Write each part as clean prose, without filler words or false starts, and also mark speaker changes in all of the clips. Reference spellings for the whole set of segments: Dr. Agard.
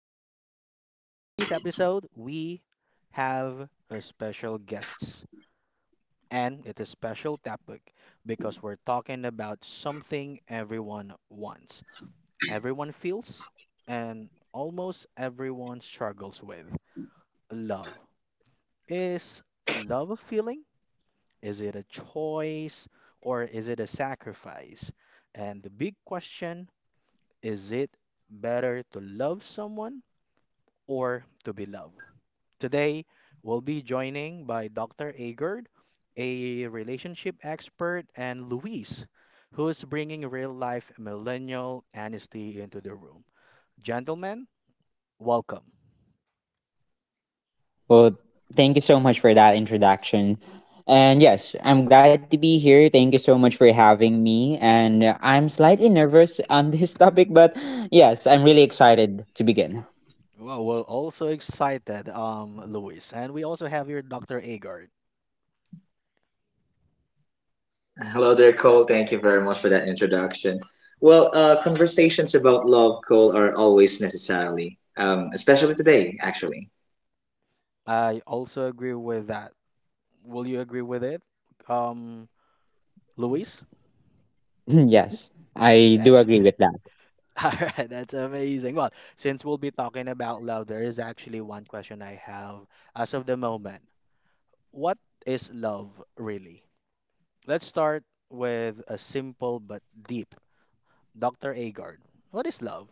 Speaker 1: podcast. Today's episode, we have a special guest, and it's a special topic because we're talking about something everyone wants, everyone feels, and almost everyone struggles with love. Is love a feeling? Is it a choice? Or is it a sacrifice? And the big question, is it better to love someone or to be loved? Today, we'll be joining by Dr. Agard, a relationship expert, and Luis, who is bringing real life millennial honesty into the room. Gentlemen, welcome.
Speaker 2: Well, thank you so much for that introduction. And yes, I'm glad to be here. Thank you so much for having me. And I'm slightly nervous on this topic, but yes, I'm really excited to begin.
Speaker 1: Well, we're also excited, Luis, and we also have here Dr. Agard.
Speaker 3: Hello there, Cole. Thank you very much for that introduction. Well, conversations about love, Cole, are always necessarily, especially today, actually.
Speaker 1: I also agree with that. Will you agree with it, um, Luis?
Speaker 2: Yes, I do
Speaker 1: That's
Speaker 2: agree
Speaker 1: good.
Speaker 2: with that.
Speaker 1: All right, that's amazing. Well, since we'll be talking about love, there is actually one question I have as of the moment. What is love really? Let's start with a simple but deep. Dr. Agard, what is love?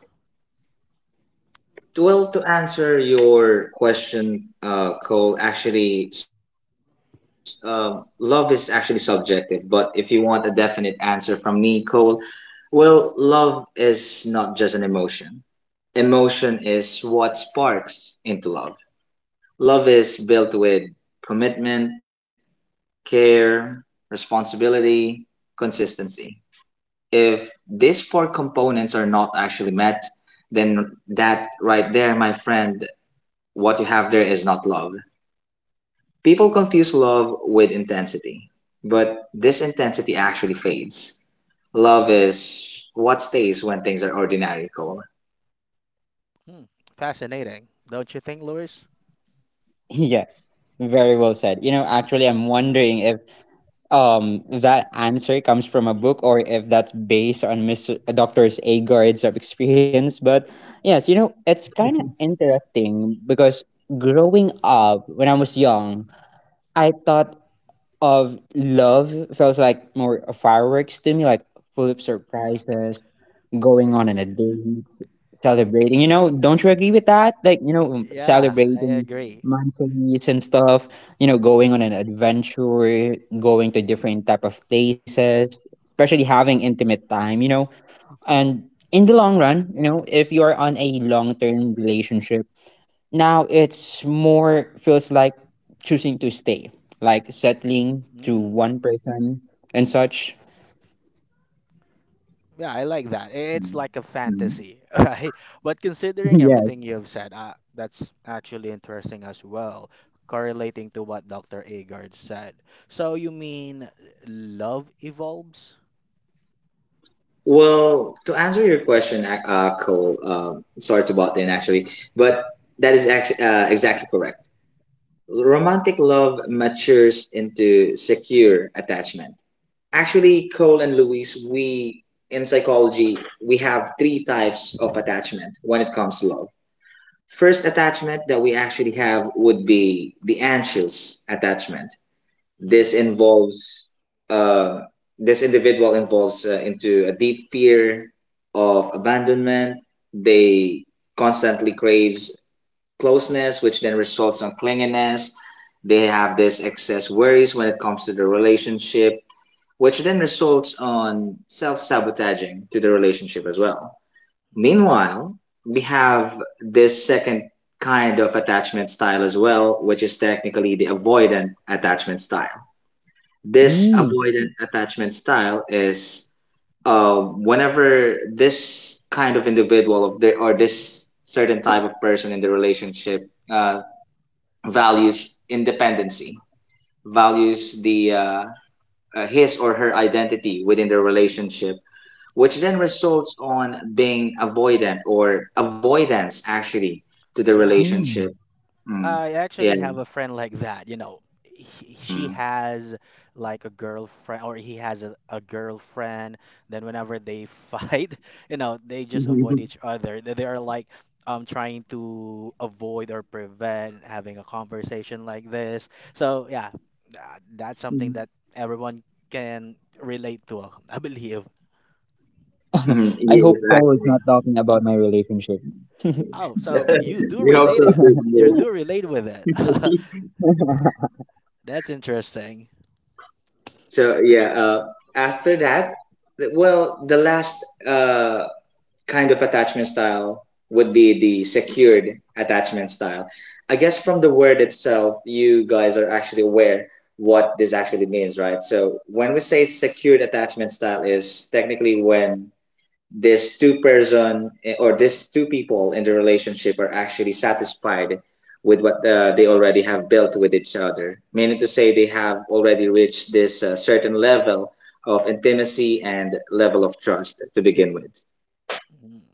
Speaker 3: Well, to answer your question, Cole, actually, love is actually subjective. But if you want a definite answer from me, Cole, well, love is not just an emotion. Emotion is what sparks into love. Love is built with commitment, care, responsibility, consistency. If these four components are not actually met, then that right there, my friend, what you have there is not love. People confuse love with intensity, but this intensity actually fades. Love is what stays when things are ordinary, Cole.
Speaker 1: Hmm, fascinating, don't you think, Lewis?
Speaker 2: Yes, very well said. You know, actually, I'm wondering if that answer comes from a book or if that's based on Mr. Doctor's Agard's of experience. But yes, you know, it's kind of
Speaker 3: Mhm.
Speaker 2: interesting because growing up when I was young, I thought of love feels like more fireworks to me, like full of surprises, going on in
Speaker 1: I,
Speaker 2: a date, celebrating, you know, don't you agree with that? Like, you know,
Speaker 1: yeah, I
Speaker 2: celebrating
Speaker 1: agree.
Speaker 2: monthlies and stuff, you know, going on an adventure, going to different type of places, especially having intimate time, you know. And in the long run, you know, if you are on a long-term relationship, now it's more feels like choosing to stay, like settling to
Speaker 1: Hmm.
Speaker 2: one person and such.
Speaker 1: Yeah, I like that. It's like a
Speaker 3: Mhm.
Speaker 1: fantasy, right? But considering
Speaker 2: Yes.
Speaker 1: everything you've said, that's actually interesting as well, correlating to what Dr. Agard said. So you mean love evolves?
Speaker 3: Well, to answer your question, Cole, sorry to butt in actually, but that is actually exactly correct. Romantic love matures into secure attachment. Actually, Cole and Louise, we in psychology, we have three types of attachment when it comes to love. First attachment that we actually have would be the anxious attachment.
Speaker 1: Hmm.
Speaker 3: This involves uh, this individual involves into a deep fear of abandonment. They constantly craves closeness, which then results on clinginess. They have this excess worries when it comes to the relationship, which then results on self sabotaging to the relationship as well.
Speaker 1: Mm,
Speaker 3: Meanwhile, we have this second kind of attachment style as well, which is technically the avoidant attachment style. This
Speaker 2: Mm.
Speaker 3: avoidant attachment style is whenever this kind of individual of the, or this certain type of person in the relationship values independency, values the his or her identity within the relationship, which then results on being avoidant or avoidance actually to the
Speaker 1: yeah,
Speaker 3: relationship.
Speaker 2: Mm.
Speaker 3: Mm.
Speaker 1: I
Speaker 3: Yeah.
Speaker 1: actually have a friend like that, you know. He, she
Speaker 3: Mm.
Speaker 1: has like a girlfriend, or he has a girlfriend. Then whenever they fight, you know, they just avoid each other. They are like trying to avoid or prevent having a conversation like this. So yeah, that's something
Speaker 3: Mhm.
Speaker 1: that everyone can relate to, I believe.
Speaker 3: Mhm.
Speaker 2: I
Speaker 3: Yes,
Speaker 2: hope Cole is
Speaker 3: actually.
Speaker 2: not talking about my relationship.
Speaker 1: Oh, so you do
Speaker 3: We hope
Speaker 1: relate
Speaker 3: so
Speaker 1: it.
Speaker 3: too,
Speaker 1: You do relate with it.
Speaker 3: Camille.
Speaker 1: That's interesting.
Speaker 3: So yeah, after that, well, the last uh, kind of attachment style would be the secured attachment style. I guess from the word itself, you guys are actually aware what this actually means, right? So when we say secured attachment style, is technically when this two-person eh, or this two people in the relationship are actually satisfied with what they already have built with each other, meaning to say they have already reached this certain level of intimacy and level of trust to begin with.
Speaker 1: Mm.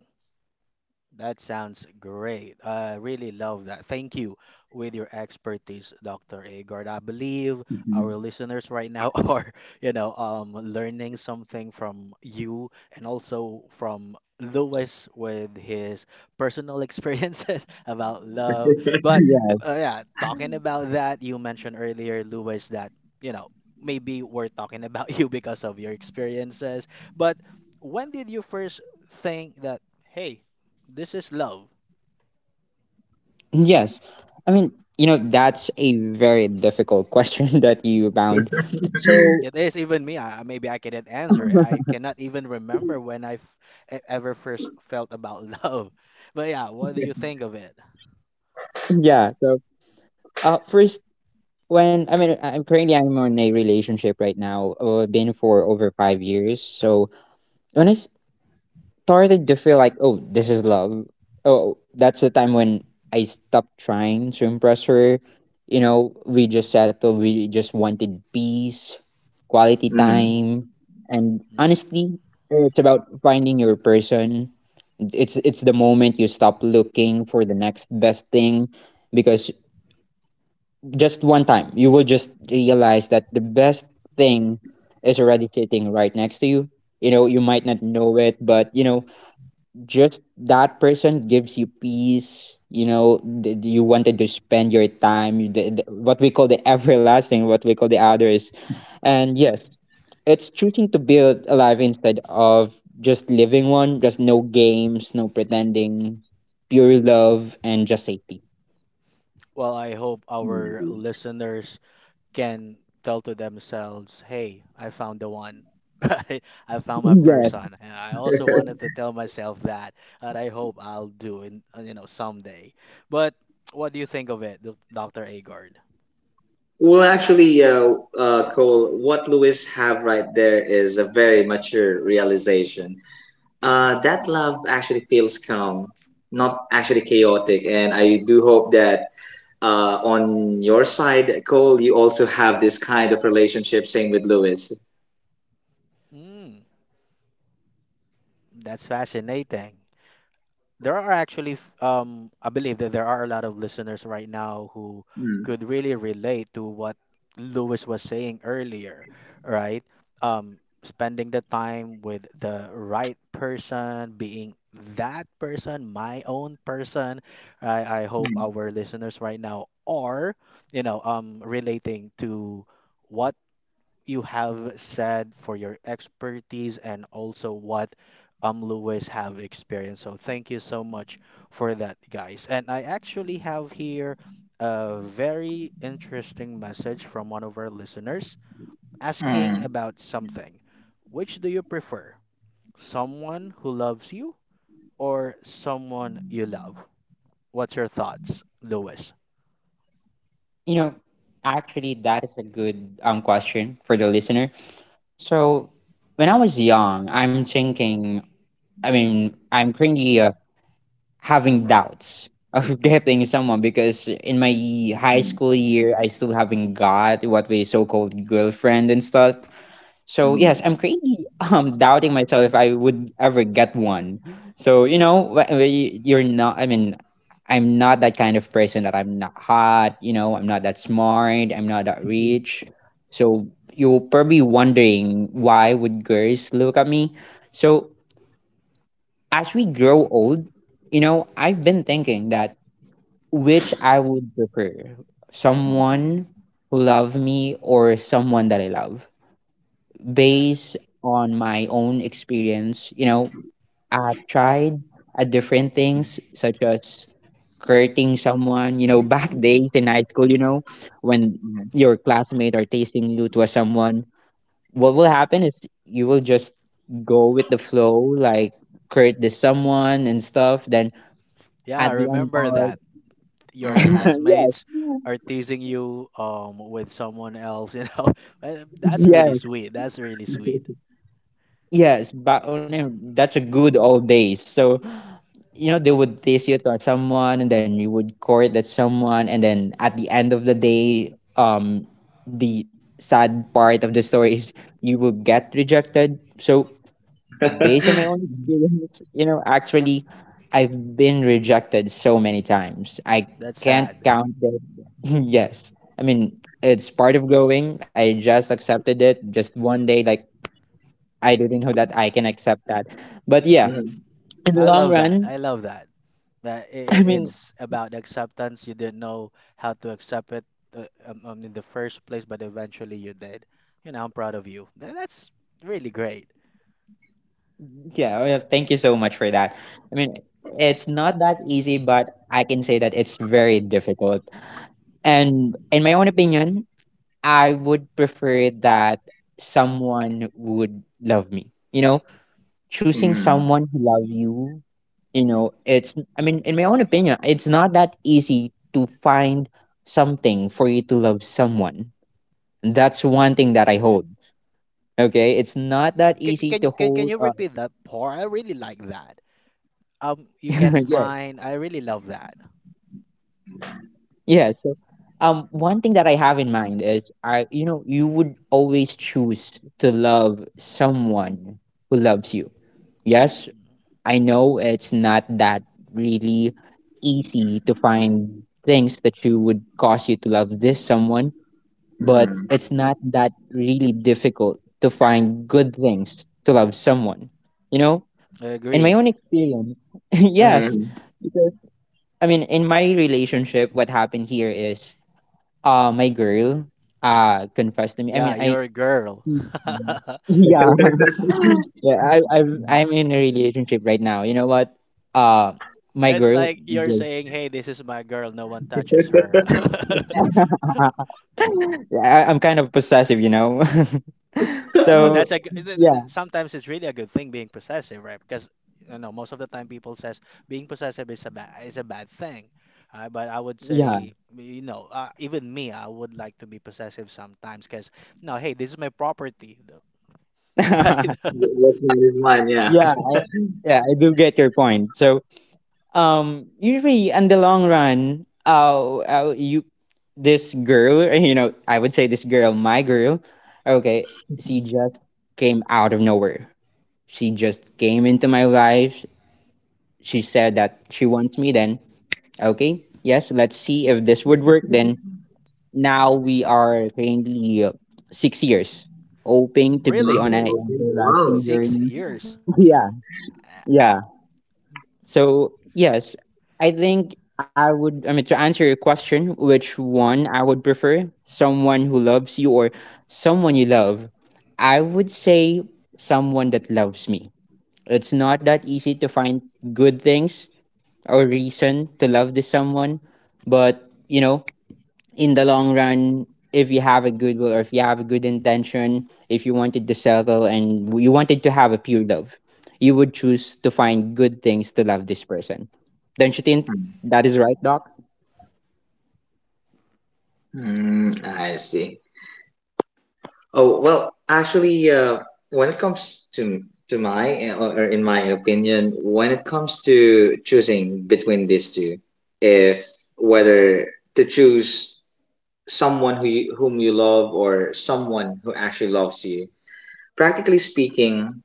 Speaker 1: That sounds great. I really love that. Thank you with your expertise, Dr. Agard. I believe
Speaker 3: Mm-hmm.
Speaker 1: our listeners right now are, learning something from you and also from Lewis with his personal experiences about love. But
Speaker 2: Yeah.
Speaker 1: yeah, talking about that, you mentioned earlier, Lewis, that, you know, maybe we're talking about you because of your experiences. But when did you first think that, hey, this is love.
Speaker 2: Yes. I mean, you know, that's a very difficult question that you found. So,
Speaker 1: It is even me. Maybe I cannot answer it. I cannot even remember when I ever first felt about love. But yeah, what do you think of it?
Speaker 2: yeah. So, first, I'm currently I'm in a relationship right now. Been for over 5 years. So, when I started to feel like, oh, this is love. Oh, that's the time when I stopped trying to impress her. You know, we just settled. We just wanted peace, quality
Speaker 3: Mm-hmm.
Speaker 2: time, and
Speaker 1: Mm.
Speaker 2: honestly, it's about finding your person. It's the moment you stop looking for the next best thing, because just one time you will just realize that the best thing is already sitting right next to you. You know, you might not know it, but you know, just that person gives you peace. You know, you wanted to spend your time. What we call the everlasting, what we call the others. And yes, it's choosing to build a life instead of just living one. Just no games, no pretending, pure love and just safety.
Speaker 1: Well, I hope our
Speaker 3: Mm-hmm.
Speaker 1: listeners can tell to themselves, "Hey, I found the one. I, I found my
Speaker 2: Yes,
Speaker 1: person." And I also wanted to tell myself that, and I hope I'll do in you know someday. But what do you think of it, Dr. Agard?
Speaker 3: Well, actually, Cole, what Lewis have right there is a very mature realization. That love actually feels calm, not actually chaotic, and I do hope that on your side, Cole, you also have this kind of relationship. Same with Lewis.
Speaker 1: Mm, that's fascinating. There are actually I believe that there are a lot of listeners right now who
Speaker 3: Mm.
Speaker 1: could really relate to what Lewis was saying earlier, right? Um, Spending the time with the right person, being that person, my own person. I hope our listeners right now are, relating to what you have said for your expertise and also what Lewis have experienced. So thank you so much for that, guys. And I actually have here a very interesting message from one of our listeners asking
Speaker 3: Mm.
Speaker 1: about something. Which do you prefer? Someone who loves you or someone you love? What's your thoughts, Lewis?
Speaker 2: you know, actually that is a good question for the listener. So when I was young, I'm thinking, I'm currently having doubts of getting someone, because in my high
Speaker 3: Mm,
Speaker 2: school year I still haven't got what we so called girlfriend and stuff.
Speaker 3: mm,
Speaker 2: So yes,
Speaker 3: mm,
Speaker 2: I'm crazy doubting myself if I would ever get one. So you know you're not. I'm not that kind of person. That I'm not hot, you know, I'm not that smart, I'm not that rich. So you're probably wondering, why would girls look at me? So as we grow old, you know, I've been thinking that which I would prefer, someone who love me or someone that I love. Based on my own experience, you know, I tried at different things such as courting someone, you know, back days in high school, you know, when
Speaker 3: mm,
Speaker 2: your classmate are tasting you to a someone, what will happen is you will just go with the flow, like court this someone and stuff, then
Speaker 1: Yeah,
Speaker 2: at the end
Speaker 1: remember
Speaker 2: part.
Speaker 1: that. Your
Speaker 3: mm,
Speaker 1: classmates are teasing you with someone else, you know. That's really
Speaker 2: Yes.
Speaker 1: sweet. That's really sweet.
Speaker 2: Yes, back on him, that's a good old days. So, you know, they would tease you to someone and then you would court that someone, and then at the end of the day, the sad part of the story is you will get rejected. So based on my own experience, you know, actually I've been rejected so many times. I
Speaker 1: That's
Speaker 2: can't
Speaker 1: sad.
Speaker 2: count them. Yes. I mean, it's part of growing. I just accepted it just one day, like I didn't know that I can accept that. But yeah,
Speaker 3: Mm.
Speaker 2: in the
Speaker 1: I
Speaker 2: long
Speaker 1: love that.
Speaker 2: run,
Speaker 1: I love that. That i
Speaker 2: I
Speaker 1: i-
Speaker 2: mean,
Speaker 1: it's about acceptance. You didn't know how to accept it in the first place, but eventually you did. You know, I'm proud of you. That's really great.
Speaker 2: yeah, well, thank you so much for that. I mean, it's not that easy, but I can say that it's very difficult. And in my own opinion, I would prefer that someone would love me. You know, choosing
Speaker 1: Mm.
Speaker 3: Mm,
Speaker 2: someone who love you, you know, it's, I mean, in my own opinion, it's not that easy to find something for you to love someone. That's one thing that I hold. Okay, it's not that
Speaker 1: Can,
Speaker 2: easy
Speaker 1: can
Speaker 2: to
Speaker 1: you- can can
Speaker 2: hold.
Speaker 1: you repeat that part? I really like that. You can
Speaker 2: Yes,
Speaker 1: find. I really love that.
Speaker 2: yeah. So, one thing that I have in mind is I, you know, you would always choose to love someone who loves you. Yes,
Speaker 1: Mm.
Speaker 2: I know it's not that really easy to find things that you would cause you to love this someone, but
Speaker 3: mm,
Speaker 2: it's not that really difficult to find good things to love someone. You know,
Speaker 1: I
Speaker 2: in my
Speaker 1: agree.
Speaker 2: own experience, yes.
Speaker 3: mm,
Speaker 2: I mean, in my relationship, what happened here is, my girl, confessed to me.
Speaker 1: Yeah, your girl.
Speaker 3: mm.
Speaker 2: Yeah, yeah. I'm in a relationship right now. You know what? Uh, my
Speaker 1: It's
Speaker 2: girl,
Speaker 1: like you're
Speaker 2: just-
Speaker 1: saying, "Hey, this is my girl. No one touches her."
Speaker 2: Yeah, I, I'm kind of possessive, you know.
Speaker 1: Well,
Speaker 2: So,
Speaker 1: that's a g- th-
Speaker 2: yeah,
Speaker 1: th- sometimes it's really a good thing being possessive, right? Because you know most of the time people says being possessive is a bad thing. But I would
Speaker 2: yeah,
Speaker 1: say, you know, even me, I would like to be possessive sometimes because, no, hey, this is my property, though, right?
Speaker 3: That's mine is mine. Yeah.
Speaker 2: yeah. Yeah, I do get your point. So, usually in the long run you, this girl you know, I would say this girl, my girl, okay, she just came out of nowhere. She just came into my life. She said that she wants me. Then okay, yes, let's see if this would work. Then now we are currently 6 years, hoping to be
Speaker 1: Really,
Speaker 2: on an
Speaker 3: Mhm.
Speaker 2: everlasting
Speaker 3: Wow.
Speaker 1: six
Speaker 2: journey.
Speaker 1: years.
Speaker 2: Yeah,
Speaker 1: Uh,
Speaker 2: yeah. So yes, I think I would. I mean, to answer your question, which one I would prefer? Someone who loves you or someone you love? I would say someone that loves me. It's not that easy to find good things or reason to love this someone, but you know, in the long run, if you have a good will, or if you have a good intention, if you wanted to settle and you wanted to have a pure love, you would choose to find good things to love this person. Don't you think that is right, doc?
Speaker 3: Mm. I see. Oh, well, actually, when it comes to my or in my opinion, when it comes to choosing between these two, if whether to choose someone who you, whom you love or someone who actually loves you, practically speaking,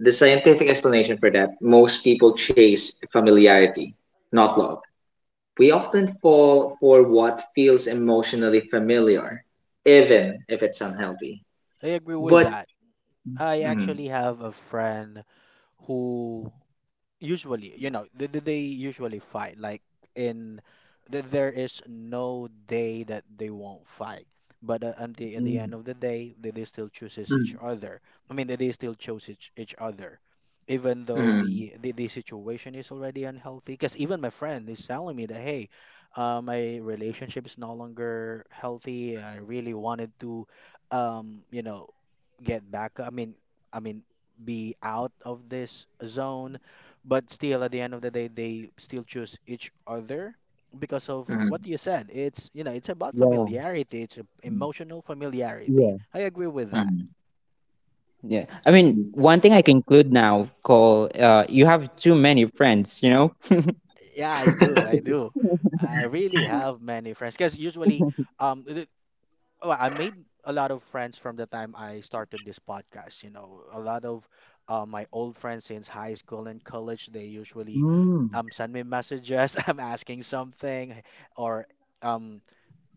Speaker 3: the scientific explanation for that, most people chase familiarity, not love. We often fall for what feels emotionally familiar, even if it's unhealthy.
Speaker 1: I agree with
Speaker 3: But
Speaker 1: that. I
Speaker 3: mm,
Speaker 1: actually have a friend who usually you know they usually fight like in there is no day that they won't fight but at the
Speaker 2: Mm,
Speaker 1: end of the day they still chooses each
Speaker 3: mm,
Speaker 1: other. I mean, they still chose each other even though
Speaker 3: mm,
Speaker 1: the situation is already unhealthy because even my friend is telling me that hey my relationship is no longer healthy. I really wanted to you know get back. I mean, be out of this zone, but still at the end of the day they still choose each other because of what
Speaker 3: mm,
Speaker 1: you said. It's, you know, it's about
Speaker 2: yeah.
Speaker 1: familiarity. It's
Speaker 3: mm,
Speaker 1: emotional familiarity. I agree with that.
Speaker 3: mm,
Speaker 2: Yeah, I mean, one
Speaker 3: mm.
Speaker 2: thing I conclude now, Call, you have too many friends, you know.
Speaker 1: Yeah, I do, I really have many friends because usually um th- well, I made a lot of friends from the time I started this podcast. You know, a lot of my old friends since high school and college, they usually
Speaker 2: Mm.
Speaker 1: send me messages. I'm asking something, or um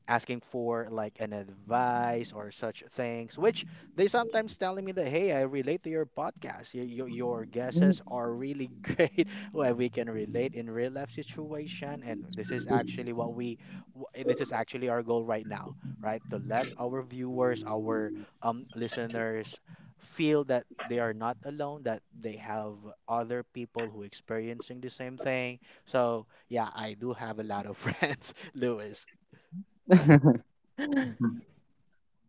Speaker 1: asking for like an advice or such things, which they sometimes telling me that, hey, I relate to your podcast. Your guesses are really great where we can relate in real life situation. And this is actually our goal right now, right? To let our viewers, our listeners feel that they are not alone, that they have other people who experiencing the same thing. So yeah, I do have a lot of friends, Louis.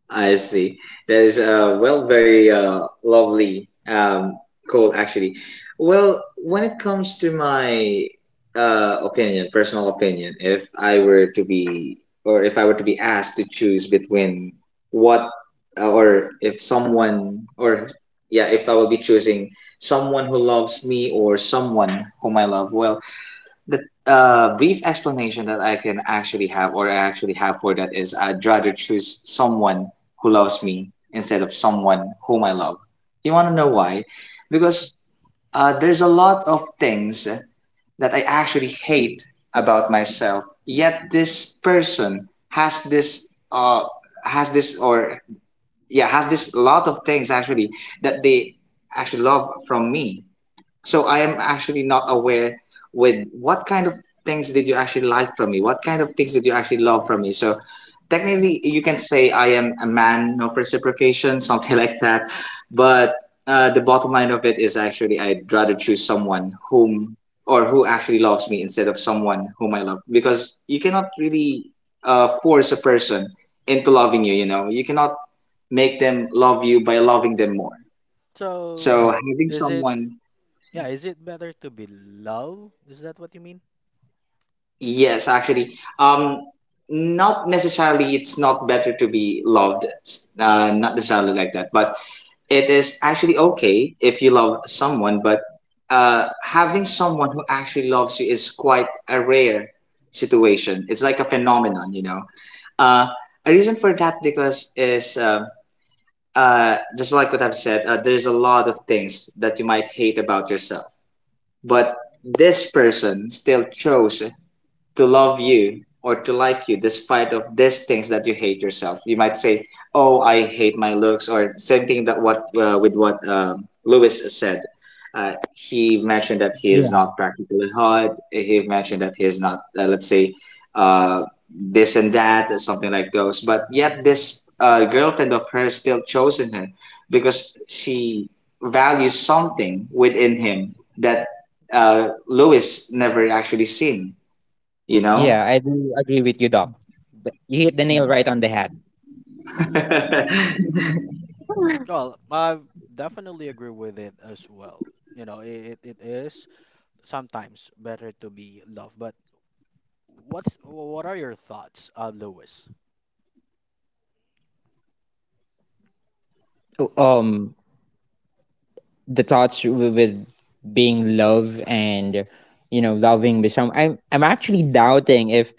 Speaker 3: I see. That is well, very lovely goal actually. Well, when it comes to my opinion, personal opinion, if I were to be or if I were to be asked to choose between what or if someone or yeah, if I will be choosing someone who loves me or someone whom I love, well, the brief explanation that I can actually have, for that, is I'd rather choose someone who loves me instead of someone whom I love. You want to know why? Because there's a lot of things that I actually hate about myself. Yet this person has this, or yeah, has this lot of things actually that they actually love from me. So I am actually not aware with what kind of things did you actually like from me? What kind of things did you actually love from me? So technically, you can say I am a man of reciprocation, something like that. But the bottom line of it is actually I'd rather choose someone who actually loves me instead of someone whom I love, because you cannot really force a person into loving you. You know, you cannot make them love you by loving them more.
Speaker 1: So,
Speaker 3: So having
Speaker 1: is it,
Speaker 3: someone.
Speaker 1: yeah, is it better to be low? Is that what you mean?
Speaker 3: Yes, actually, not necessarily. It's not better to be loved, not necessarily like that. But it is actually okay if you love someone. But having someone who actually loves you is quite a rare situation. It's like a phenomenon, you know. Uh, a reason for that because is just like what I've said. There's a lot of things that you might hate about yourself, but this person still chose to love you or to like you despite of these things that you hate yourself. You might say, oh, I hate my looks, or same thing that what with what Lewis said. He mentioned that he is
Speaker 2: Yeah,
Speaker 3: not practically hot. He mentioned that he is not let's say uh, this and that, something like those, but yet this girlfriend of hers still chosen her because she values something within him that Lewis never actually seen, you know.
Speaker 2: yeah. I do agree with you, doc. Th- you hit the nail right on the head.
Speaker 3: It
Speaker 1: Well, I definitely agree with it as well. You know, it is sometimes better to be loved, but what are your thoughts, Lewis?
Speaker 2: um the thoughts with being love and, you know, loving with some, I'm actually doubting if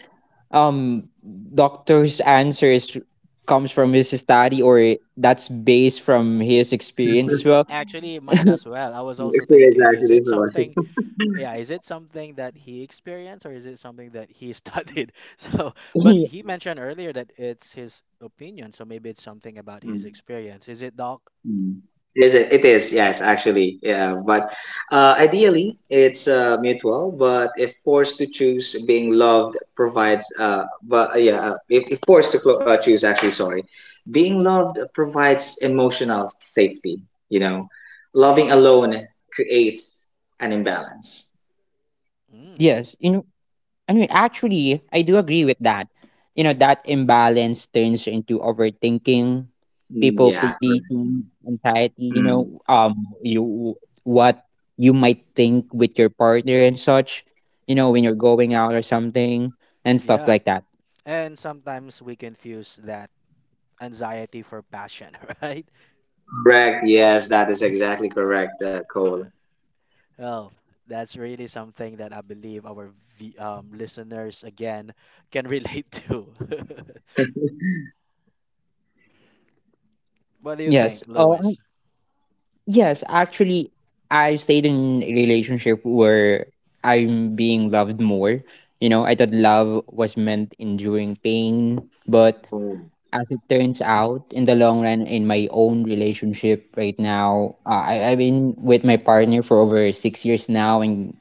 Speaker 2: um doctor's answers comes from his study or that's based from his
Speaker 1: Uh,
Speaker 2: experience as well.
Speaker 1: Actually, mine as well. I was also
Speaker 3: is
Speaker 1: thinking,
Speaker 3: actually for
Speaker 1: yeah, is it something that he experienced or is it something that he studied? So, but he mentioned earlier that it's his opinion, so maybe it's something about his
Speaker 3: mm,
Speaker 1: experience. Is it, Doc?
Speaker 3: mm. Is it? It is, yes, actually. Yeah, but ideally, it's mutual. But if forced to choose, being loved provides, but yeah, if forced to choose, actually, sorry, being loved provides emotional safety. You know, loving alone creates an imbalance.
Speaker 2: Yes, you know, I mean, actually, I do agree with that. You know, that imbalance turns into overthinking,
Speaker 3: Mm,
Speaker 2: people
Speaker 3: yeah, correct.
Speaker 2: pleasing,
Speaker 3: Mm.
Speaker 2: anxiety, you
Speaker 3: Mm.
Speaker 2: know, you what you might think with your partner and such, you know, when you're going out or something and stuff
Speaker 1: Yeah.
Speaker 2: like that.
Speaker 1: And sometimes we confuse that anxiety for passion, right?
Speaker 3: Correct. Yes, that is exactly correct, Cole.
Speaker 1: Yeah. Well, that's really something that I believe our v listeners again can relate to.
Speaker 3: Oh,
Speaker 1: What do you
Speaker 2: Yes.
Speaker 1: think,
Speaker 2: Oh,
Speaker 1: Lewis?
Speaker 2: yes, actually, I've stayed in a relationship where I'm being loved more. You know, I thought love was meant enduring pain, but as it turns out, in the long run, in my own relationship right now, I've been with my partner for over 6 years now and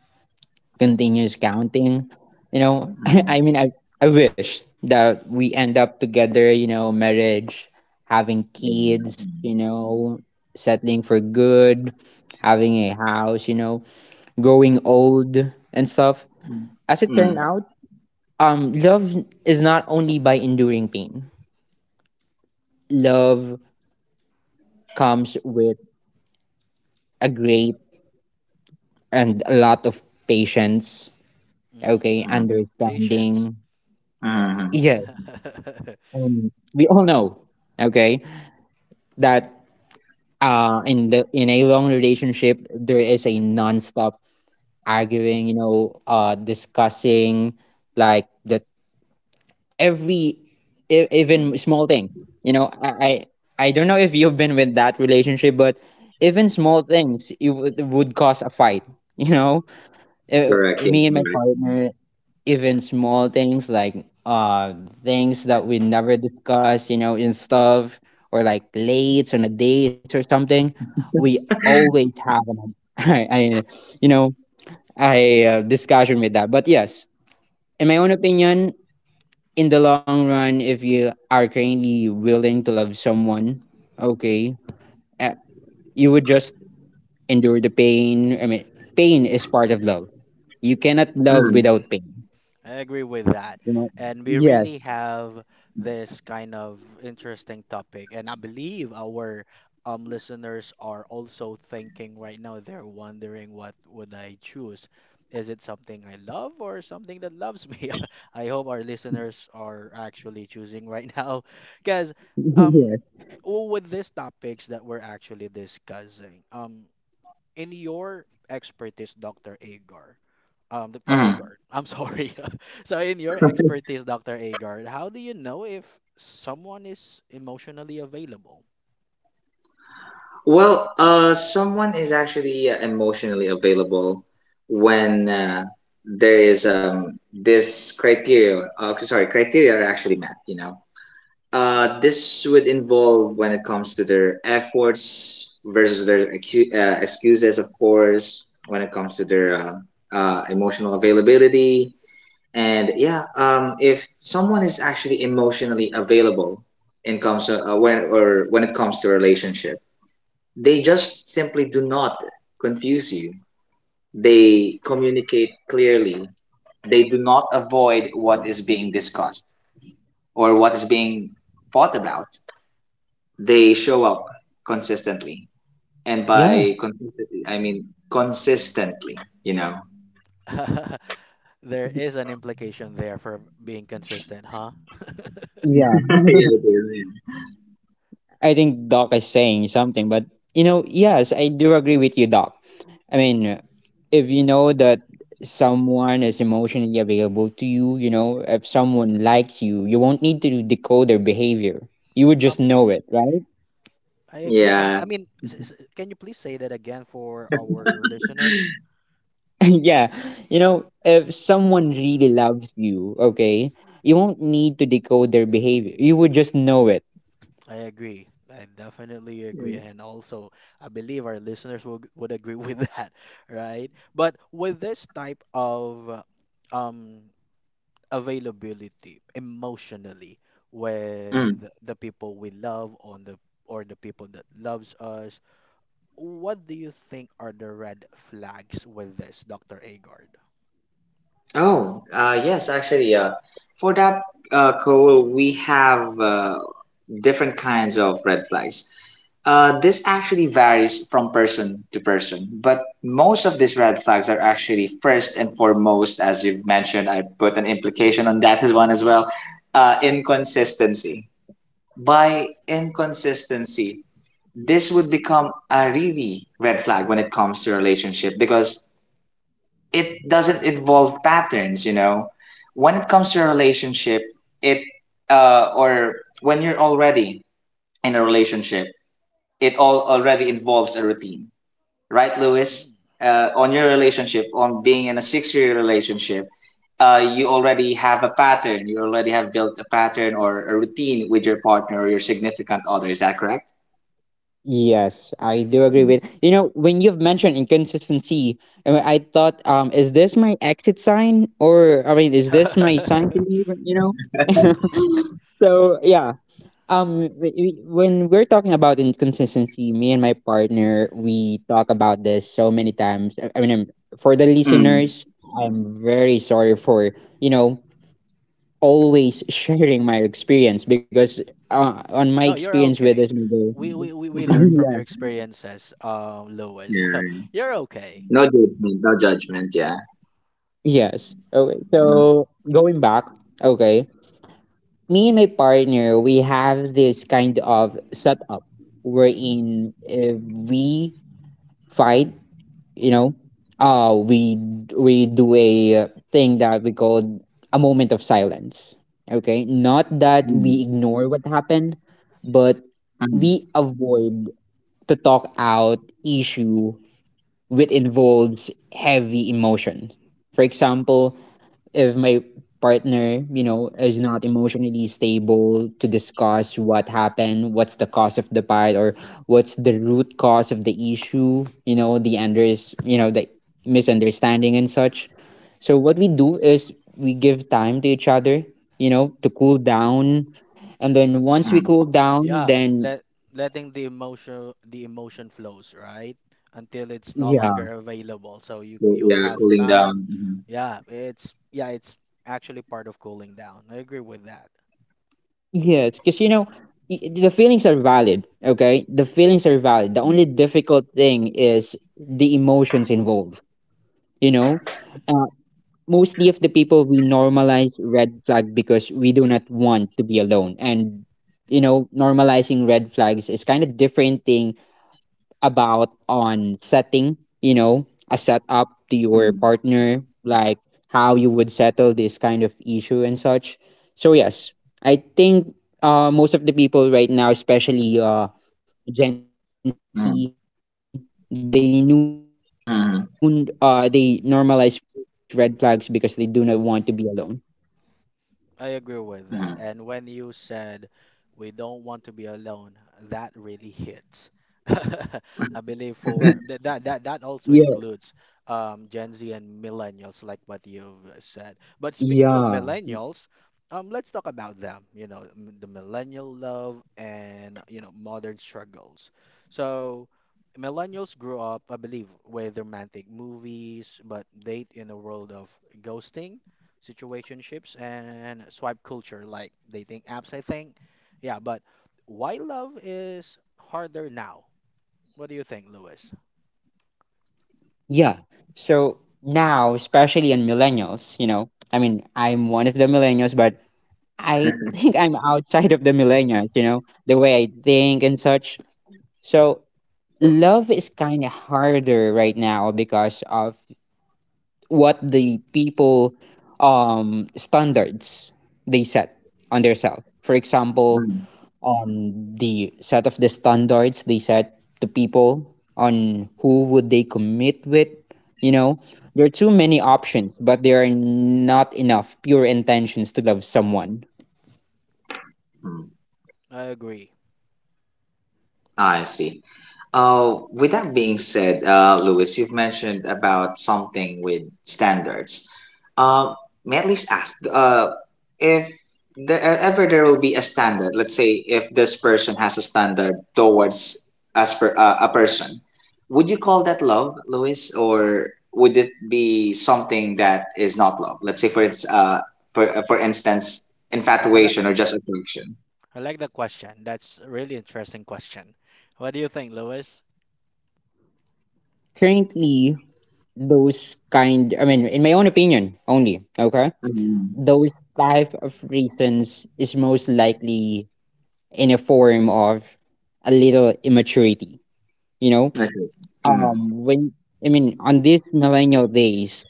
Speaker 2: continues counting. You know,
Speaker 3: mm,
Speaker 2: I wish that we end up together, you know, marriage, having
Speaker 3: yeah.
Speaker 2: kids,
Speaker 3: Mhm,
Speaker 2: you know, settling for good, having a house, you know, growing old and stuff.
Speaker 3: mm,
Speaker 2: As it turned
Speaker 3: mm,
Speaker 2: out, love is not only by enduring pain, love comes with a great and a lot of patience,
Speaker 1: Mm,
Speaker 2: okay,
Speaker 3: mhm,
Speaker 1: patience.
Speaker 2: understanding.
Speaker 3: mhm.
Speaker 2: Yeah, and we all know, okay, that in the in a long relationship there is a non-stop arguing, you know, discussing like that every even small thing. You know, I don't know if you've been with that relationship, but even small things would cause a fight. You know, Uh,
Speaker 3: Correct. Yeah,
Speaker 2: me and my
Speaker 3: correct.
Speaker 2: partner, even small things like things that we never discuss, you know, and stuff, or like late on a date or something, we always have an I you know I discussion with that. But yes, in my own opinion, in the long run, if you are currently willing to love someone, okay, uh, you would just endure the pain. I mean, pain is part of love. You cannot love
Speaker 3: Mm,
Speaker 2: without pain.
Speaker 1: I agree with that.
Speaker 2: You know?
Speaker 1: And we
Speaker 2: Yes.
Speaker 1: really have this kind of interesting topic. And I believe our listeners are also thinking right now, they're wondering what would I choose? Is it something I love or something that loves me? I hope our listeners are actually choosing right now. Because um
Speaker 2: Yes.
Speaker 1: with these topics that we're actually discussing, in your expertise, Dr.
Speaker 3: mm.
Speaker 1: Agard. I'm sorry. So, in your expertise, Dr. Agard, how do you know if someone is emotionally available?
Speaker 3: Well, someone is actually emotionally available when there is this criteria. Sorry, criteria are actually met. You know, this would involve when it comes to their efforts versus their excuses, of course. When it comes to their emotional availability, and yeah, if someone is actually emotionally available in comes when or when it comes to a relationship, they just simply do not confuse you.
Speaker 1: Mm.
Speaker 3: They communicate clearly. They do not avoid what is being discussed or what is being fought about. They show up consistently, and
Speaker 2: Yeah.
Speaker 3: by consistently, I mean consistently. You know.
Speaker 1: Mm. There is an implication there for being consistent, huh?
Speaker 2: Yeah.
Speaker 3: Yeah. It is,
Speaker 2: I think doc is saying something, but you know, yes, I do agree with you, doc. I mean, if you know that someone is emotionally available to you, you know, if someone likes you, you won't need to decode their behavior. You would just
Speaker 1: Um,
Speaker 2: know it, right?
Speaker 1: I
Speaker 3: yeah.
Speaker 1: agree.
Speaker 3: Yeah.
Speaker 1: I mean, can you please say that again for our listeners?
Speaker 2: Yeah. You know, if someone really loves you, okay, you won't need to decode their behavior. You would just know it.
Speaker 1: I agree. I definitely agree, and also I believe our listeners would agree with that, right? But with this type of uh, um availability emotionally with
Speaker 3: Mm.
Speaker 1: the people we love on the or the people that loves us, what do you think are the red flags with this, Dr. Agard?
Speaker 3: Oh, yes, actually, for that, Cole, we have different kinds of red flags. This actually varies from person to person, but most of these red flags are actually first and foremost, as you've mentioned, I put an implication on that as one as well, inconsistency. By inconsistency, this would become a really red flag when it comes to relationship, because it doesn't involve patterns, you know. When it comes to a relationship, it or when you're already in a relationship, it all already involves a routine, right,
Speaker 1: Mm.
Speaker 3: Lewis? On your relationship, on being in a 6-year relationship, you already have a pattern. You already have built a pattern or a routine with your partner or your significant other. Is that correct?
Speaker 2: Yes, I do agree with you know when you've mentioned inconsistency, mean, I thought, is this my exit sign, or I mean, is this my sign to leave? You know, so yeah. When we're talking about inconsistency, me and my partner we talk about this so many times. I mean, for the
Speaker 3: Mm.
Speaker 2: listeners, I'm very sorry for you know always sharing my experience because on my
Speaker 1: No, you're
Speaker 2: experience with this,
Speaker 1: okay.
Speaker 2: my girl,
Speaker 1: We
Speaker 3: Yeah.
Speaker 1: learn from your experiences Lois. You're okay.
Speaker 3: No judgment, no judgment. Yeah.
Speaker 2: yes. Okay.
Speaker 3: Mm.
Speaker 2: So going back, okay, me and my partner, we have this kind of setup wherein if we fight, you know, uh, we we do a thing that we call a moment of silence. Okay, not that we
Speaker 3: Mm.
Speaker 2: ignore what happened, but we
Speaker 3: Mm.
Speaker 2: avoid to talk out issue which involves heavy emotion. For example, if my partner, you know, is not emotionally stable to discuss what happened, what's the cause of the fight, or what's the root cause of the issue, you know, you know, the misunderstanding and such. So what we do is we give time to each other, you know, to cool down, and then once we
Speaker 3: Mm.
Speaker 2: cool down,
Speaker 1: Yeah,
Speaker 2: then
Speaker 1: let letting the emotion flows, right? Until it's no
Speaker 2: yeah,
Speaker 1: longer available. So you you'll
Speaker 3: Yeah,
Speaker 1: have
Speaker 3: cooling
Speaker 1: time.
Speaker 3: down. Mm-hmm.
Speaker 1: Yeah, it's actually part of cooling down. I agree with that.
Speaker 2: yes, because The feelings are valid, okay? The feelings are valid. The only difficult thing is the emotions involved. You know, uh, mostly of the people we normalize red flag because we do not want to be alone, and you know normalizing red flags is kind of different thing about on setting, you know, a setup to
Speaker 3: Mm-hmm.
Speaker 2: your partner like how you would settle this kind of issue and such. So yes,
Speaker 3: Mm-hmm.
Speaker 2: I think most of the people right now, especially Gen Z, they noon they normalize red flags because they do not want to be alone.
Speaker 1: I agree with that. And when you said we don't want to be alone, that really hits. I believe for that also includes Gen Z and millennials, like what you've said. But speaking of
Speaker 2: Yeah,
Speaker 1: millennials, let's talk about them. You know, the millennial love and you know modern struggles. So millennials grew up, I believe, with romantic movies, but date in a world of ghosting, situationships and swipe culture, like dating apps. I think, yeah, but why love is harder now? What do you think, Lewis?
Speaker 2: yeah. So now, especially in millennials, you know, I mean, I'm one of the millennials, but I think I'm outside of the millennials, you know, the way I think and such. So love is kind of harder right now because of what the people standards they set on theirself. For example,
Speaker 3: Mm-hmm.
Speaker 2: on the set of the standards they set to people on who would they commit with, you know, there are too many options but there are not enough pure intentions to love someone.
Speaker 3: Mm.
Speaker 1: I agree.
Speaker 3: I see. With that being said, Louis, you've mentioned about something with standards. Um, may I at least ask if ever there will be a standard, let's say if this person has a standard towards as per, a person, would you call that love, Louis, or would it be something that is not love? Let's say for its, for instance, infatuation
Speaker 1: Like,
Speaker 3: or just attraction.
Speaker 1: I like the question. That's a really interesting question. What do you think, Lewis?
Speaker 2: Currently those kind, I mean, in my own opinion only, okay,
Speaker 3: Mm-hmm.
Speaker 2: those type of reasons is most likely in a form of a little immaturity, you know.
Speaker 3: That's it. Mm-hmm.
Speaker 2: When I mean, on these millennial days,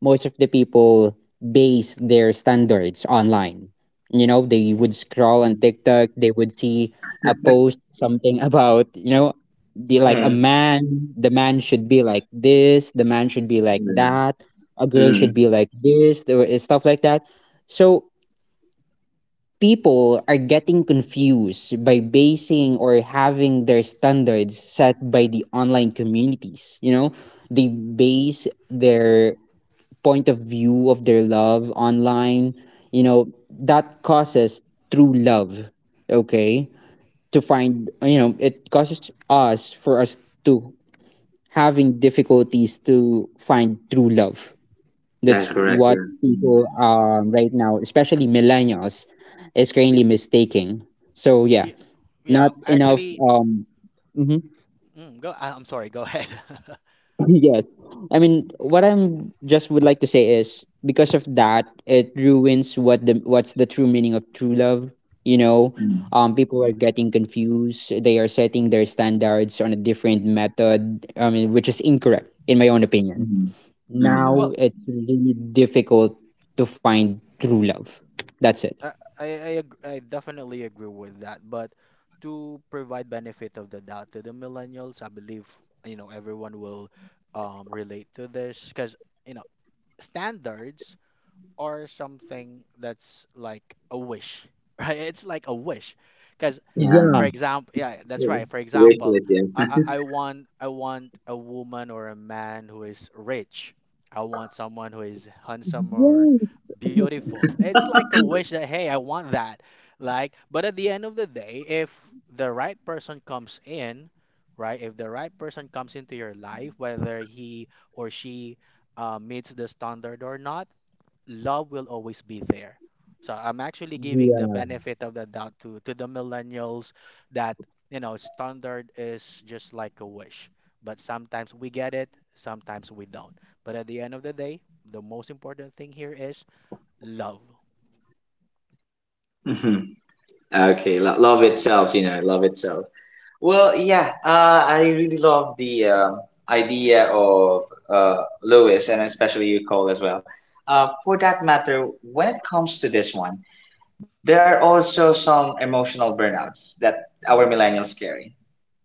Speaker 2: most of the people base their standards online. You know, they would scroll on TikTok, they would see a post something about, you know, like a man, the man should be like this, the man should be like
Speaker 3: Mm-hmm.
Speaker 2: that, a girl should be like this, there is stuff like that. So people are getting confused by basing or having their standards set by the online communities, you know? They base their point of view of their love online, you know, that causes true love, okay? To find, you know, it causes us for us to having difficulties to find true love.
Speaker 3: That's
Speaker 2: That's
Speaker 3: correct.
Speaker 2: what
Speaker 3: Yeah.
Speaker 2: people right now, especially millennials, is currently mistaking. So yeah,
Speaker 1: Yeah. Yeah
Speaker 2: not enough.
Speaker 1: actually,
Speaker 2: Mhm.
Speaker 1: go, I- I'm sorry, go ahead.
Speaker 2: Yes. I mean, what I'm just would like to say is because of that, it ruins what the what's the true meaning of true love. You know,
Speaker 3: Mm, mm,
Speaker 2: people are getting confused. They are setting their standards on a different method. I mean, which is incorrect in my own opinion.
Speaker 3: mhm. Mhm.
Speaker 2: Now
Speaker 1: Well,
Speaker 2: it's really difficult to find true love. That's it.
Speaker 1: I, I definitely agree with that. But to provide benefit of the doubt to the millennials, I believe, you know, everyone will relate to this because, you know, standards or something that's like a wish, right? It's like a wish, because
Speaker 3: Yeah.
Speaker 2: Yeah.
Speaker 1: for example, yeah, that's
Speaker 3: Yeah.
Speaker 1: right. For
Speaker 3: Wish
Speaker 1: example,
Speaker 3: list. Yeah.
Speaker 1: I want I want a woman or a man who is rich. I want someone who is handsome or
Speaker 2: Yeah.
Speaker 1: beautiful. It's like a wish that hey, I want that. Like, but at the end of the day, if the right person comes in, right? If the right person comes into your life, whether he or she meets the standard or not, love will always be there. So I'm actually giving the
Speaker 2: Yeah.
Speaker 1: benefit of the doubt to the millennials that standard is just like a wish. But sometimes we get it, sometimes we don't. But at the end of the day, the most important thing here is love.
Speaker 3: Mhm. Okay, love itself, you know, love itself. Well, yeah, I really love the idea of Lewis and especially you, Cole, as well. For that matter, when it comes to this one, there are also some emotional burnouts that our millennials carry.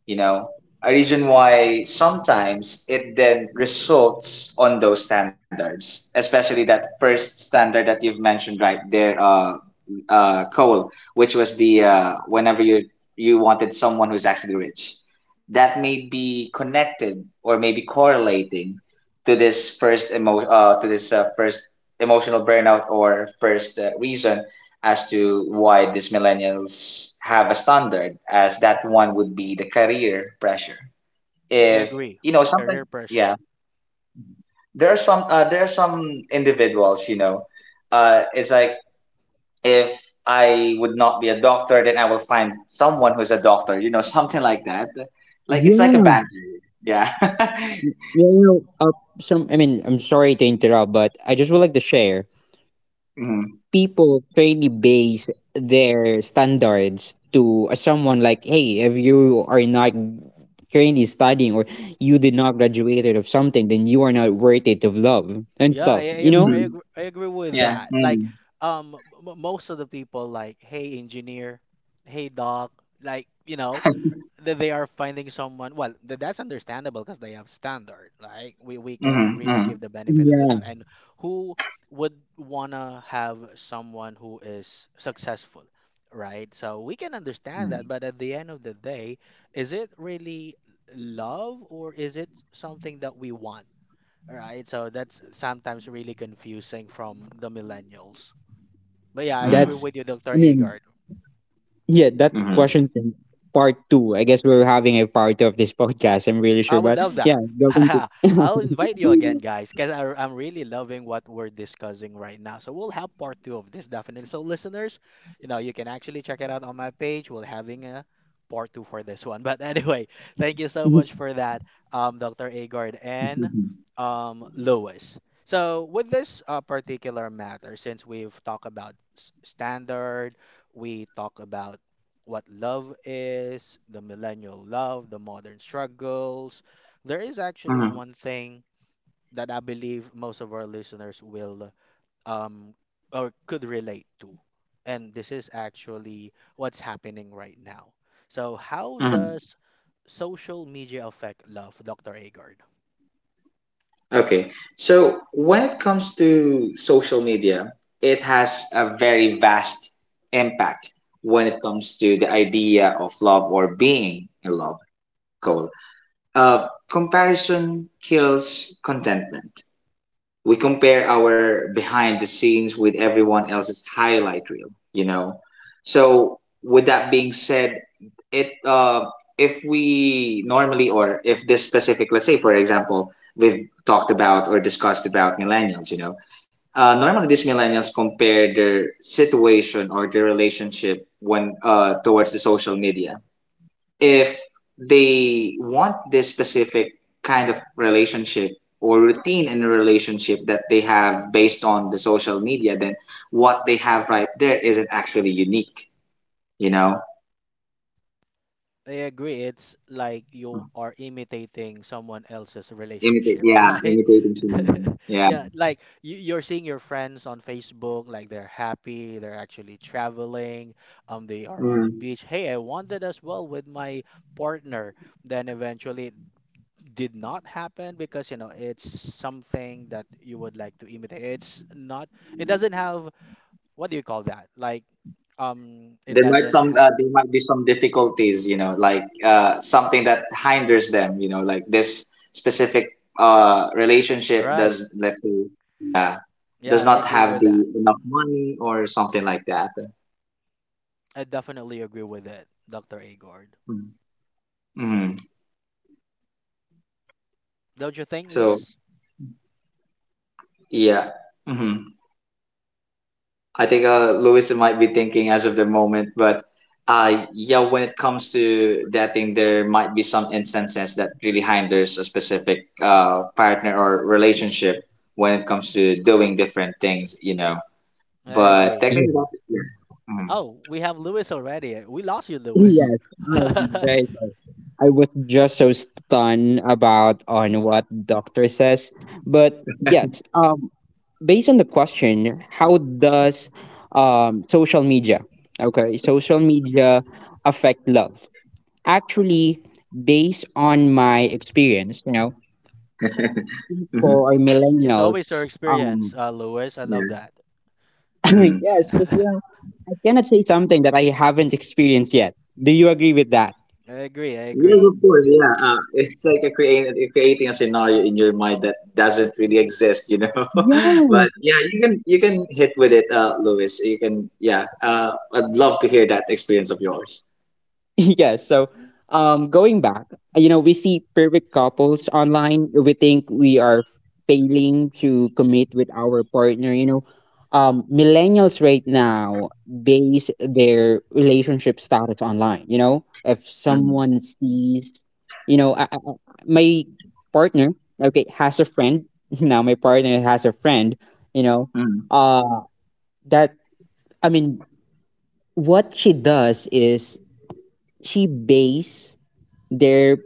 Speaker 3: You know, a reason why sometimes it then results on those standards, especially that first standard that you've mentioned right there, Cole, which was the whenever you wanted someone who's actually rich. That may be connected or maybe correlating to this first to this first emotional burnout or first reason as to why these millennials have a standard as that one would be the career pressure.
Speaker 1: I
Speaker 3: If
Speaker 1: agree.
Speaker 3: you know sometimes,
Speaker 1: Career
Speaker 3: yeah,
Speaker 1: pressure.
Speaker 3: there are some individuals, you know, it's like if I would not be a doctor, then I will find someone who's a doctor, you know, something like that. Like
Speaker 2: Yeah.
Speaker 3: it's like a
Speaker 2: Yeah.
Speaker 3: banter. Yeah.
Speaker 2: You know, uh, some. I mean, I'm sorry to interrupt, but I just would like to share
Speaker 3: Mm-hmm.
Speaker 2: people fairly base their standards to someone like, hey, if you are not currently studying or you did not graduated of something, then you are not worth it of love and
Speaker 1: Yeah,
Speaker 2: stuff.
Speaker 1: I, I
Speaker 2: You
Speaker 1: agree,
Speaker 3: Hmm.
Speaker 2: know?
Speaker 1: I agree. I agree with
Speaker 3: Yeah.
Speaker 1: that.
Speaker 3: Mm-hmm.
Speaker 1: Like, most of the people like, hey engineer, hey doc, like that they are finding someone well that's understandable because they have standard like we can really
Speaker 3: Mm-hmm.
Speaker 1: give the benefit of the
Speaker 2: Yeah,
Speaker 1: doubt and who would wanna have someone who is successful, right? So we can understand
Speaker 3: Mm-hmm.
Speaker 1: that, but at the end of the day, is it really love or is it something that we want, right? So that's sometimes really confusing from the millennials, but yeah, I agree
Speaker 2: that's.
Speaker 1: with you, Dr.
Speaker 2: I mean,
Speaker 1: Agard.
Speaker 2: yeah, that
Speaker 3: Mm-hmm. Mm-hmm.
Speaker 2: question can part two. I guess we're having a part two of this podcast. I'm really
Speaker 1: I
Speaker 2: sure,
Speaker 1: would
Speaker 2: but
Speaker 1: love
Speaker 2: yeah,
Speaker 1: that.
Speaker 2: go continue.
Speaker 1: I'll invite you again, guys, because I'm really loving what we're discussing right now. So we'll have part two of this definitely. So listeners, you know, you can actually check it out on my page. We'll having a part two for this one. But anyway, thank you so much for that, Dr. Agard and
Speaker 3: Mm-hmm.
Speaker 1: Lewis. So with this particular matter, since we've talked about standard, we talk about what love is, the millennial love, the modern struggles. There is actually
Speaker 3: Mm-hmm.
Speaker 1: one thing that I believe most of our listeners will um or could relate to. And this is actually what's happening right now. So how
Speaker 3: Mm-hmm.
Speaker 1: does social media affect love, Dr. Agard?
Speaker 3: Okay. So when it comes to social media, it has a very vast impact when it comes to the idea of love or being in love, Cole. Comparison kills contentment. We compare our behind the scenes with everyone else's highlight reel you know so with that being said, it if we normally, or if this specific, let's say for example, we've talked about or discussed about millennials. Normally these millennials compare their situation or their relationship when towards the social media. If they want this specific kind of relationship or routine in a relationship that they have based on the social media, then what they have right there isn't actually unique, you know?
Speaker 1: I agree. It's like you are imitating someone else's
Speaker 3: Imitate,
Speaker 1: relationship,
Speaker 3: yeah,
Speaker 1: right?
Speaker 3: imitating someone. Yeah.
Speaker 1: Yeah, like you're seeing your friends on Facebook, like they're happy, they're actually traveling, they are on the
Speaker 3: Mm.
Speaker 1: beach. Hey, I wanted as well with my partner. Then eventually it did not happen because, you know, it's something that you would like to imitate. It's not, it doesn't have, what do you call that? Like, it doesn't have,
Speaker 3: There might be some difficulties, you know, like something that hinders them, you know, like this specific relationship
Speaker 1: right.
Speaker 3: let's say, uh,
Speaker 1: Yeah,
Speaker 3: does
Speaker 1: I
Speaker 3: not
Speaker 1: agree
Speaker 3: have
Speaker 1: with that.
Speaker 3: the enough money or something like that.
Speaker 1: I definitely agree with it, Dr. Agord.
Speaker 3: Mm-hmm.
Speaker 1: Don't you think,
Speaker 3: So,
Speaker 1: Lewis?
Speaker 3: yeah, mm-hmm. I think Louis might be thinking as of the moment, but yeah, when it comes to dating, there might be some instances that really hinders a specific partner or relationship when it comes to doing different things.
Speaker 1: I
Speaker 3: But
Speaker 1: agree.
Speaker 3: technically,
Speaker 2: Yeah,
Speaker 3: yeah.
Speaker 1: Oh, we have Lewis already. We lost you,
Speaker 3: Mm-hmm.
Speaker 1: Lewis.
Speaker 2: yes, I'm very sorry. I was just so stunned about on what doctor says. But yes, based on the question, how does social media, okay, social media affect love? Actually, based on my experience, you know, people
Speaker 3: Mm-hmm.
Speaker 2: or
Speaker 1: It's
Speaker 2: millennials,
Speaker 1: always your
Speaker 2: um,
Speaker 1: experience, Lewis. I love
Speaker 3: Yeah.
Speaker 1: that.
Speaker 3: Mhm.
Speaker 2: yes, because you
Speaker 1: I
Speaker 2: know, I cannot say something that I haven't experienced yet. Do you agree with that?
Speaker 1: agree. I
Speaker 3: Yes,
Speaker 1: agree.
Speaker 3: of course. Yeah, it's like a creating a scenario in your mind that doesn't really exist. But
Speaker 2: Yeah,
Speaker 3: yeah, you can hit with it, Lewis. You can, yeah. I'd love to hear that experience of yours.
Speaker 2: yeah, so going back, you know, we see perfect couples online. We think we are failing to commit with our partner. You know, millennials right now base their relationship status online. You know, if
Speaker 3: Mm,
Speaker 2: someone sees, you know, my partner, okay, has a friend. Now my partner has a friend. You know,
Speaker 3: mm.
Speaker 2: uh, that I mean, what she does is she base their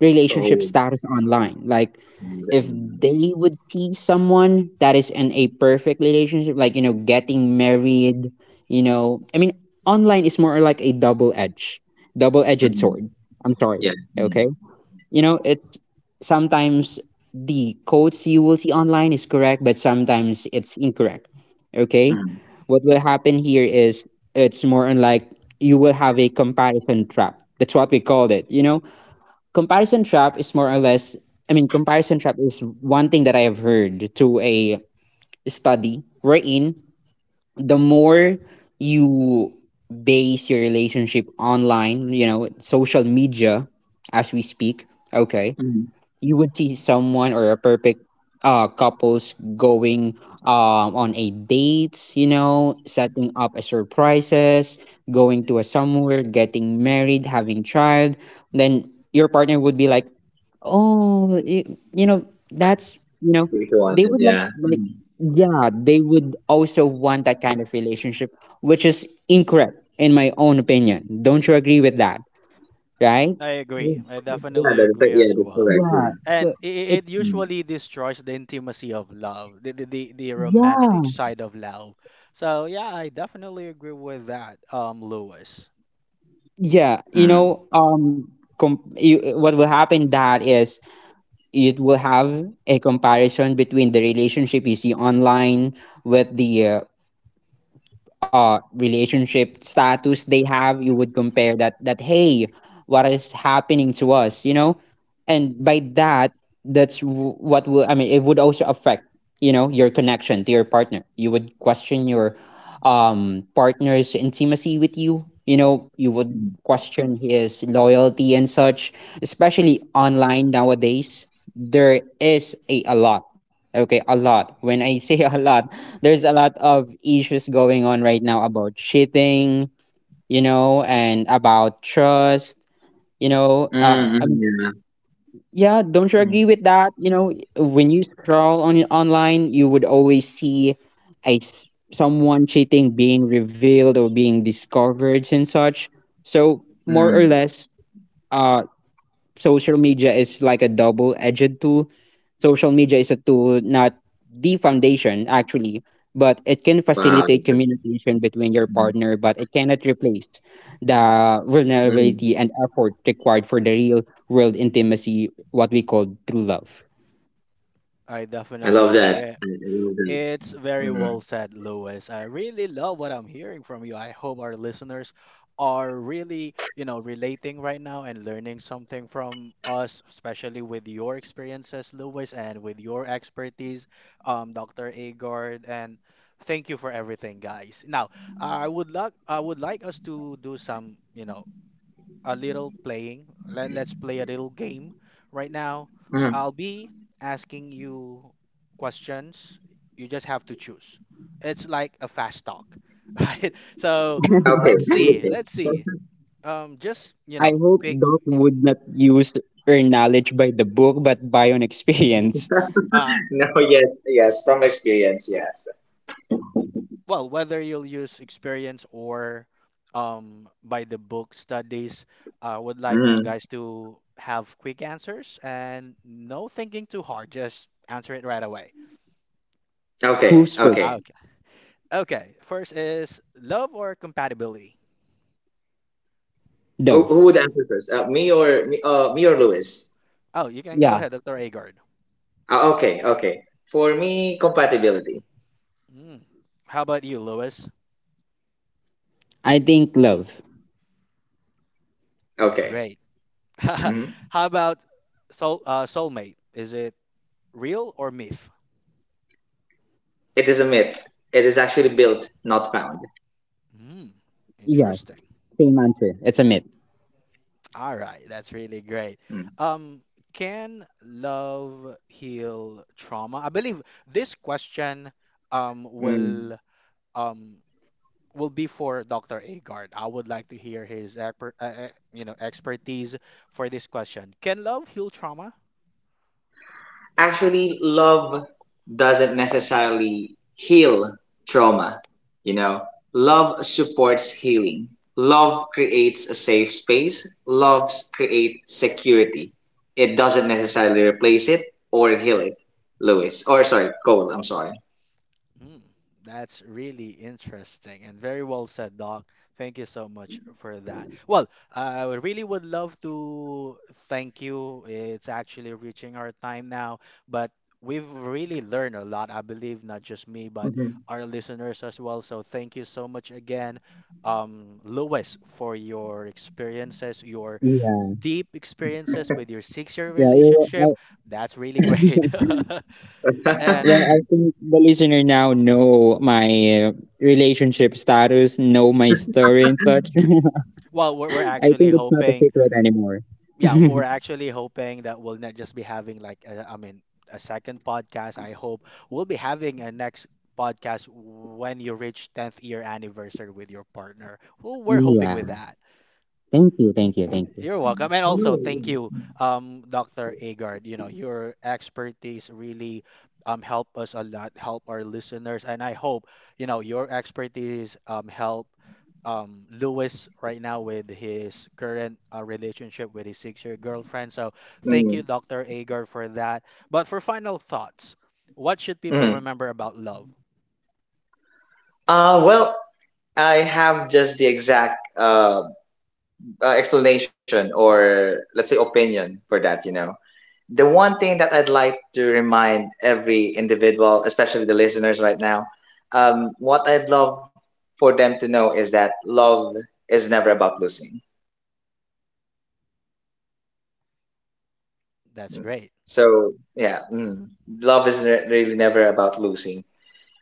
Speaker 2: relationship
Speaker 3: Oh,
Speaker 2: status online. Like
Speaker 3: mm,
Speaker 2: if
Speaker 3: mm,
Speaker 2: they would see someone that is in a perfect relationship, like you know, getting married, you know, I mean, online is more like double edged
Speaker 3: mm.
Speaker 2: sword. I'm sorry.
Speaker 3: Yeah. Mm,
Speaker 2: Okay, you know, it's sometimes the quotes you will see online is correct, but sometimes it's incorrect. Okay,
Speaker 3: mm,
Speaker 2: what will happen here is it's more on like you will have a comparison trap. That's what we called it. You know, comparison trap is more or less comparison trap is one thing that I have heard through a study wherein the more you base your relationship online, you know, social media, as we speak, okay,
Speaker 3: mm.
Speaker 2: you would see someone or a perfect couples going on a dates, you know, setting up a surprises, going to a somewhere, getting married, having child, then your partner would be like, oh, you know, that's, you know,
Speaker 3: If you want
Speaker 2: they
Speaker 3: it,
Speaker 2: would
Speaker 3: yeah.
Speaker 2: like,
Speaker 3: Mm,
Speaker 2: yeah, they would also want that kind of relationship, which is incorrect in my own opinion. Don't you agree with that, right?
Speaker 1: I
Speaker 3: mm.
Speaker 1: agree. I
Speaker 3: Yeah,
Speaker 1: definitely
Speaker 3: that's like,
Speaker 1: agree
Speaker 3: yeah,
Speaker 1: as
Speaker 3: that's
Speaker 1: well.
Speaker 3: correct.
Speaker 2: Yeah.
Speaker 3: Yeah.
Speaker 2: So
Speaker 1: And
Speaker 2: it,
Speaker 1: it
Speaker 3: Mm,
Speaker 1: usually destroys the intimacy of love, the romantic
Speaker 2: yeah.
Speaker 1: side of love. So yeah, I definitely agree with that, Lewis.
Speaker 2: Yeah, you
Speaker 3: mm,
Speaker 2: know, what will happen that is it will have a comparison between the relationship you see online with the relationship status they have. You would compare that, that hey, what is happening to us, you know? And by that, what will, I mean, it would also affect, you know, your connection to your partner. You would question your partner's intimacy with you, you know, you would
Speaker 3: mm,
Speaker 2: question his loyalty and such, especially online nowadays. There is a lot, okay, a lot. When I say a lot, there's a lot of issues going on right now about cheating, you know, and about trust, you know.
Speaker 3: mm, mm, yeah.
Speaker 2: Yeah, don't you agree
Speaker 3: Mm,
Speaker 2: with that? You know, when you scroll on online, you would always see a s- someone cheating being revealed or being discovered and such. So more or
Speaker 3: mm.
Speaker 2: less, uh, social media is like a double-edged tool. Social media is a tool, not the foundation, actually, but it can
Speaker 3: Wow.
Speaker 2: facilitate communication between your
Speaker 3: Mm.
Speaker 2: partner, but it cannot replace the
Speaker 3: mm.
Speaker 2: vulnerability and effort required for the real world intimacy, what we call true love.
Speaker 1: I
Speaker 3: I
Speaker 1: definitely
Speaker 3: love that.
Speaker 1: agree.
Speaker 3: I love that.
Speaker 1: It's very
Speaker 3: Hmm.
Speaker 1: well said, Lewis. I really love what I'm hearing from you. I hope our listeners are really, you know, relating right now and learning something from us, especially with your experiences, Lewis, and with your expertise, Dr. Agard. And thank you for everything, guys. Now, I would like us to do some, you know, a little playing. Let's play a little game right now.
Speaker 3: Hmm.
Speaker 1: I'll be asking you questions. You just have to choose. It's like a fast talk, right? So
Speaker 3: Okay.
Speaker 1: let's see.
Speaker 3: Okay.
Speaker 1: Let's see. Just you
Speaker 2: I
Speaker 1: know,
Speaker 2: hope
Speaker 1: quick.
Speaker 2: Doc would not use earn knowledge by the book, but by on experience.
Speaker 1: Uh,
Speaker 3: No. Yes. Yes. From experience. Yes.
Speaker 1: well, whether you'll use experience or by the book studies, I would like you
Speaker 3: Hmm.
Speaker 1: guys to have quick answers and no thinking too hard. Just answer it right away.
Speaker 3: Okay.
Speaker 2: Who's first?
Speaker 3: Okay.
Speaker 1: Okay, first is love or compatibility.
Speaker 3: Who
Speaker 2: Dove?
Speaker 3: Who would answer first? Me or me? Me or Lewis?
Speaker 1: Oh, you can go
Speaker 2: Yeah,
Speaker 1: ahead, Dr. Agard.
Speaker 3: Okay. Okay. For me, compatibility.
Speaker 1: Mm. How about you, Lewis?
Speaker 2: I think love.
Speaker 1: That's
Speaker 3: Okay.
Speaker 1: great. How
Speaker 3: Hmm.
Speaker 1: about soul soulmate? Is it real or myth?
Speaker 3: It is a myth. It is actually built, not found.
Speaker 1: Mm.
Speaker 2: Yeah,
Speaker 1: Interesting.
Speaker 2: same answer. It's a myth.
Speaker 1: All right, that's
Speaker 3: Mm.
Speaker 1: really great. Um, can love heal trauma? I believe this question um
Speaker 3: Mm.
Speaker 1: will um will be for Dr. Agard. I would like to hear his you know expertise for this question. Can love heal trauma?
Speaker 3: Actually, love doesn't necessarily heal trauma you know Love supports healing. Love creates a safe space. Love creates security. It doesn't necessarily replace it or heal it. Lewis, or sorry, Cole, I'm sorry.
Speaker 1: Hmm, that's really interesting and very well said, Doc. Thank you so much for that. Well, I really would love to thank you. It's actually reaching our time now, but we've really learned a lot. I believe not just me, but our listeners as well. So thank you so much again. Lewis, for your experiences, your
Speaker 2: Yeah,
Speaker 1: deep experiences with your 6 year
Speaker 2: yeah.
Speaker 1: relationship,
Speaker 2: You,
Speaker 1: that's really great. And
Speaker 2: well, I think the listener now know my relationship status, know my story and such.
Speaker 1: well, we're
Speaker 2: I
Speaker 1: actually
Speaker 2: think it's not a
Speaker 1: hoping,
Speaker 2: secret anymore.
Speaker 1: yeah, we're actually hoping that we'll not just be having like, a, I mean, a second podcast. I hope we'll be having a next podcast when you reach 10th year anniversary with your partner. Well, we're hoping with
Speaker 2: Yeah.
Speaker 1: that.
Speaker 2: Thank you, thank you, thank you.
Speaker 1: You're welcome. And also, thank you, Dr. Agard. You know, your expertise really help us a lot, help our listeners. And I hope, you know, your expertise help Lewis right now with his current relationship with his six-year girlfriend. So thank
Speaker 3: Mm,
Speaker 1: you, Dr. Agard, for that. But for final thoughts, what should people
Speaker 3: mm.
Speaker 1: remember about love?
Speaker 3: Well, I have just the exact explanation, or let's say opinion, for that. The one thing that I'd like to remind every individual, especially the listeners right now, what I'd love for them to know is that love is never about losing.
Speaker 1: That's
Speaker 3: Mm.
Speaker 1: great.
Speaker 3: So, yeah, love is really never about losing.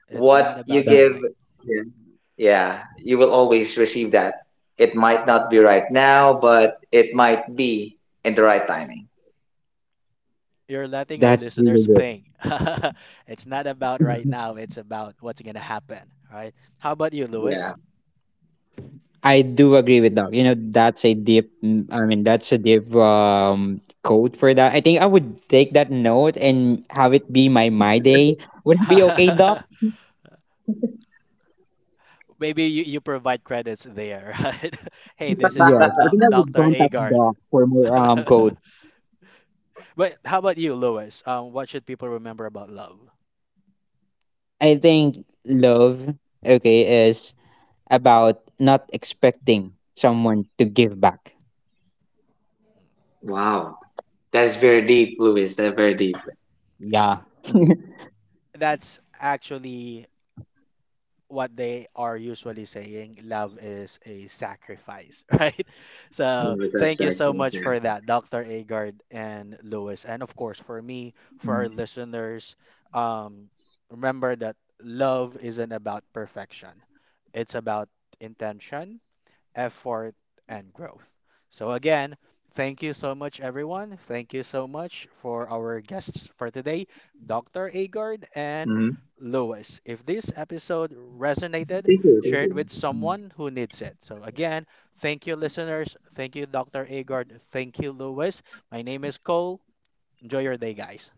Speaker 1: It's not
Speaker 3: What you
Speaker 1: about
Speaker 2: That
Speaker 3: give,
Speaker 1: losing.
Speaker 3: yeah. Yeah, you will always receive that. It might not be right now, but it might be in the right timing.
Speaker 1: You're letting our
Speaker 2: that's really
Speaker 1: listeners
Speaker 2: good.
Speaker 1: think. It's not about right now, it's about what's going to happen, right? How about you,
Speaker 3: Yeah.
Speaker 1: Lewis?
Speaker 2: I do agree with that. You know, that's a deep. Mm, I mean, that's a deep code for that. I think I would take that note and have it be my my day. Would it be okay, Doc?
Speaker 1: Maybe you, you provide credits there, right? Hey, this is
Speaker 2: Yes,
Speaker 1: from
Speaker 2: I think
Speaker 1: doc
Speaker 2: I would
Speaker 1: Dr.
Speaker 2: contact
Speaker 1: Agard.
Speaker 2: Doc for more code.
Speaker 1: But how about you, Lewis? What should people remember about love?
Speaker 2: I think love, okay, is about not expecting someone to give back.
Speaker 3: Wow. That's very deep, Louis. That's very deep.
Speaker 2: Yeah.
Speaker 1: That's actually what they are usually saying, love is a sacrifice, right?
Speaker 3: Mm, it's
Speaker 1: So thank you
Speaker 3: exactly.
Speaker 1: so much
Speaker 3: Yeah.
Speaker 1: for that, Dr. Agard and Lewis. And of course, for me, for our listeners, um, remember that love isn't about perfection. It's about intention, effort, and growth. So, again, thank you so much, everyone. Thank you so much for our guests for today, Dr.
Speaker 3: Mm-hmm.
Speaker 1: Agard and Lewis. If this episode
Speaker 3: They do, they
Speaker 1: resonated,
Speaker 3: do.
Speaker 1: share it with someone who needs it. So, again, thank you, listeners. Thank you, Dr. Agard. Thank you, Lewis. My name is Cole. Enjoy your day, guys.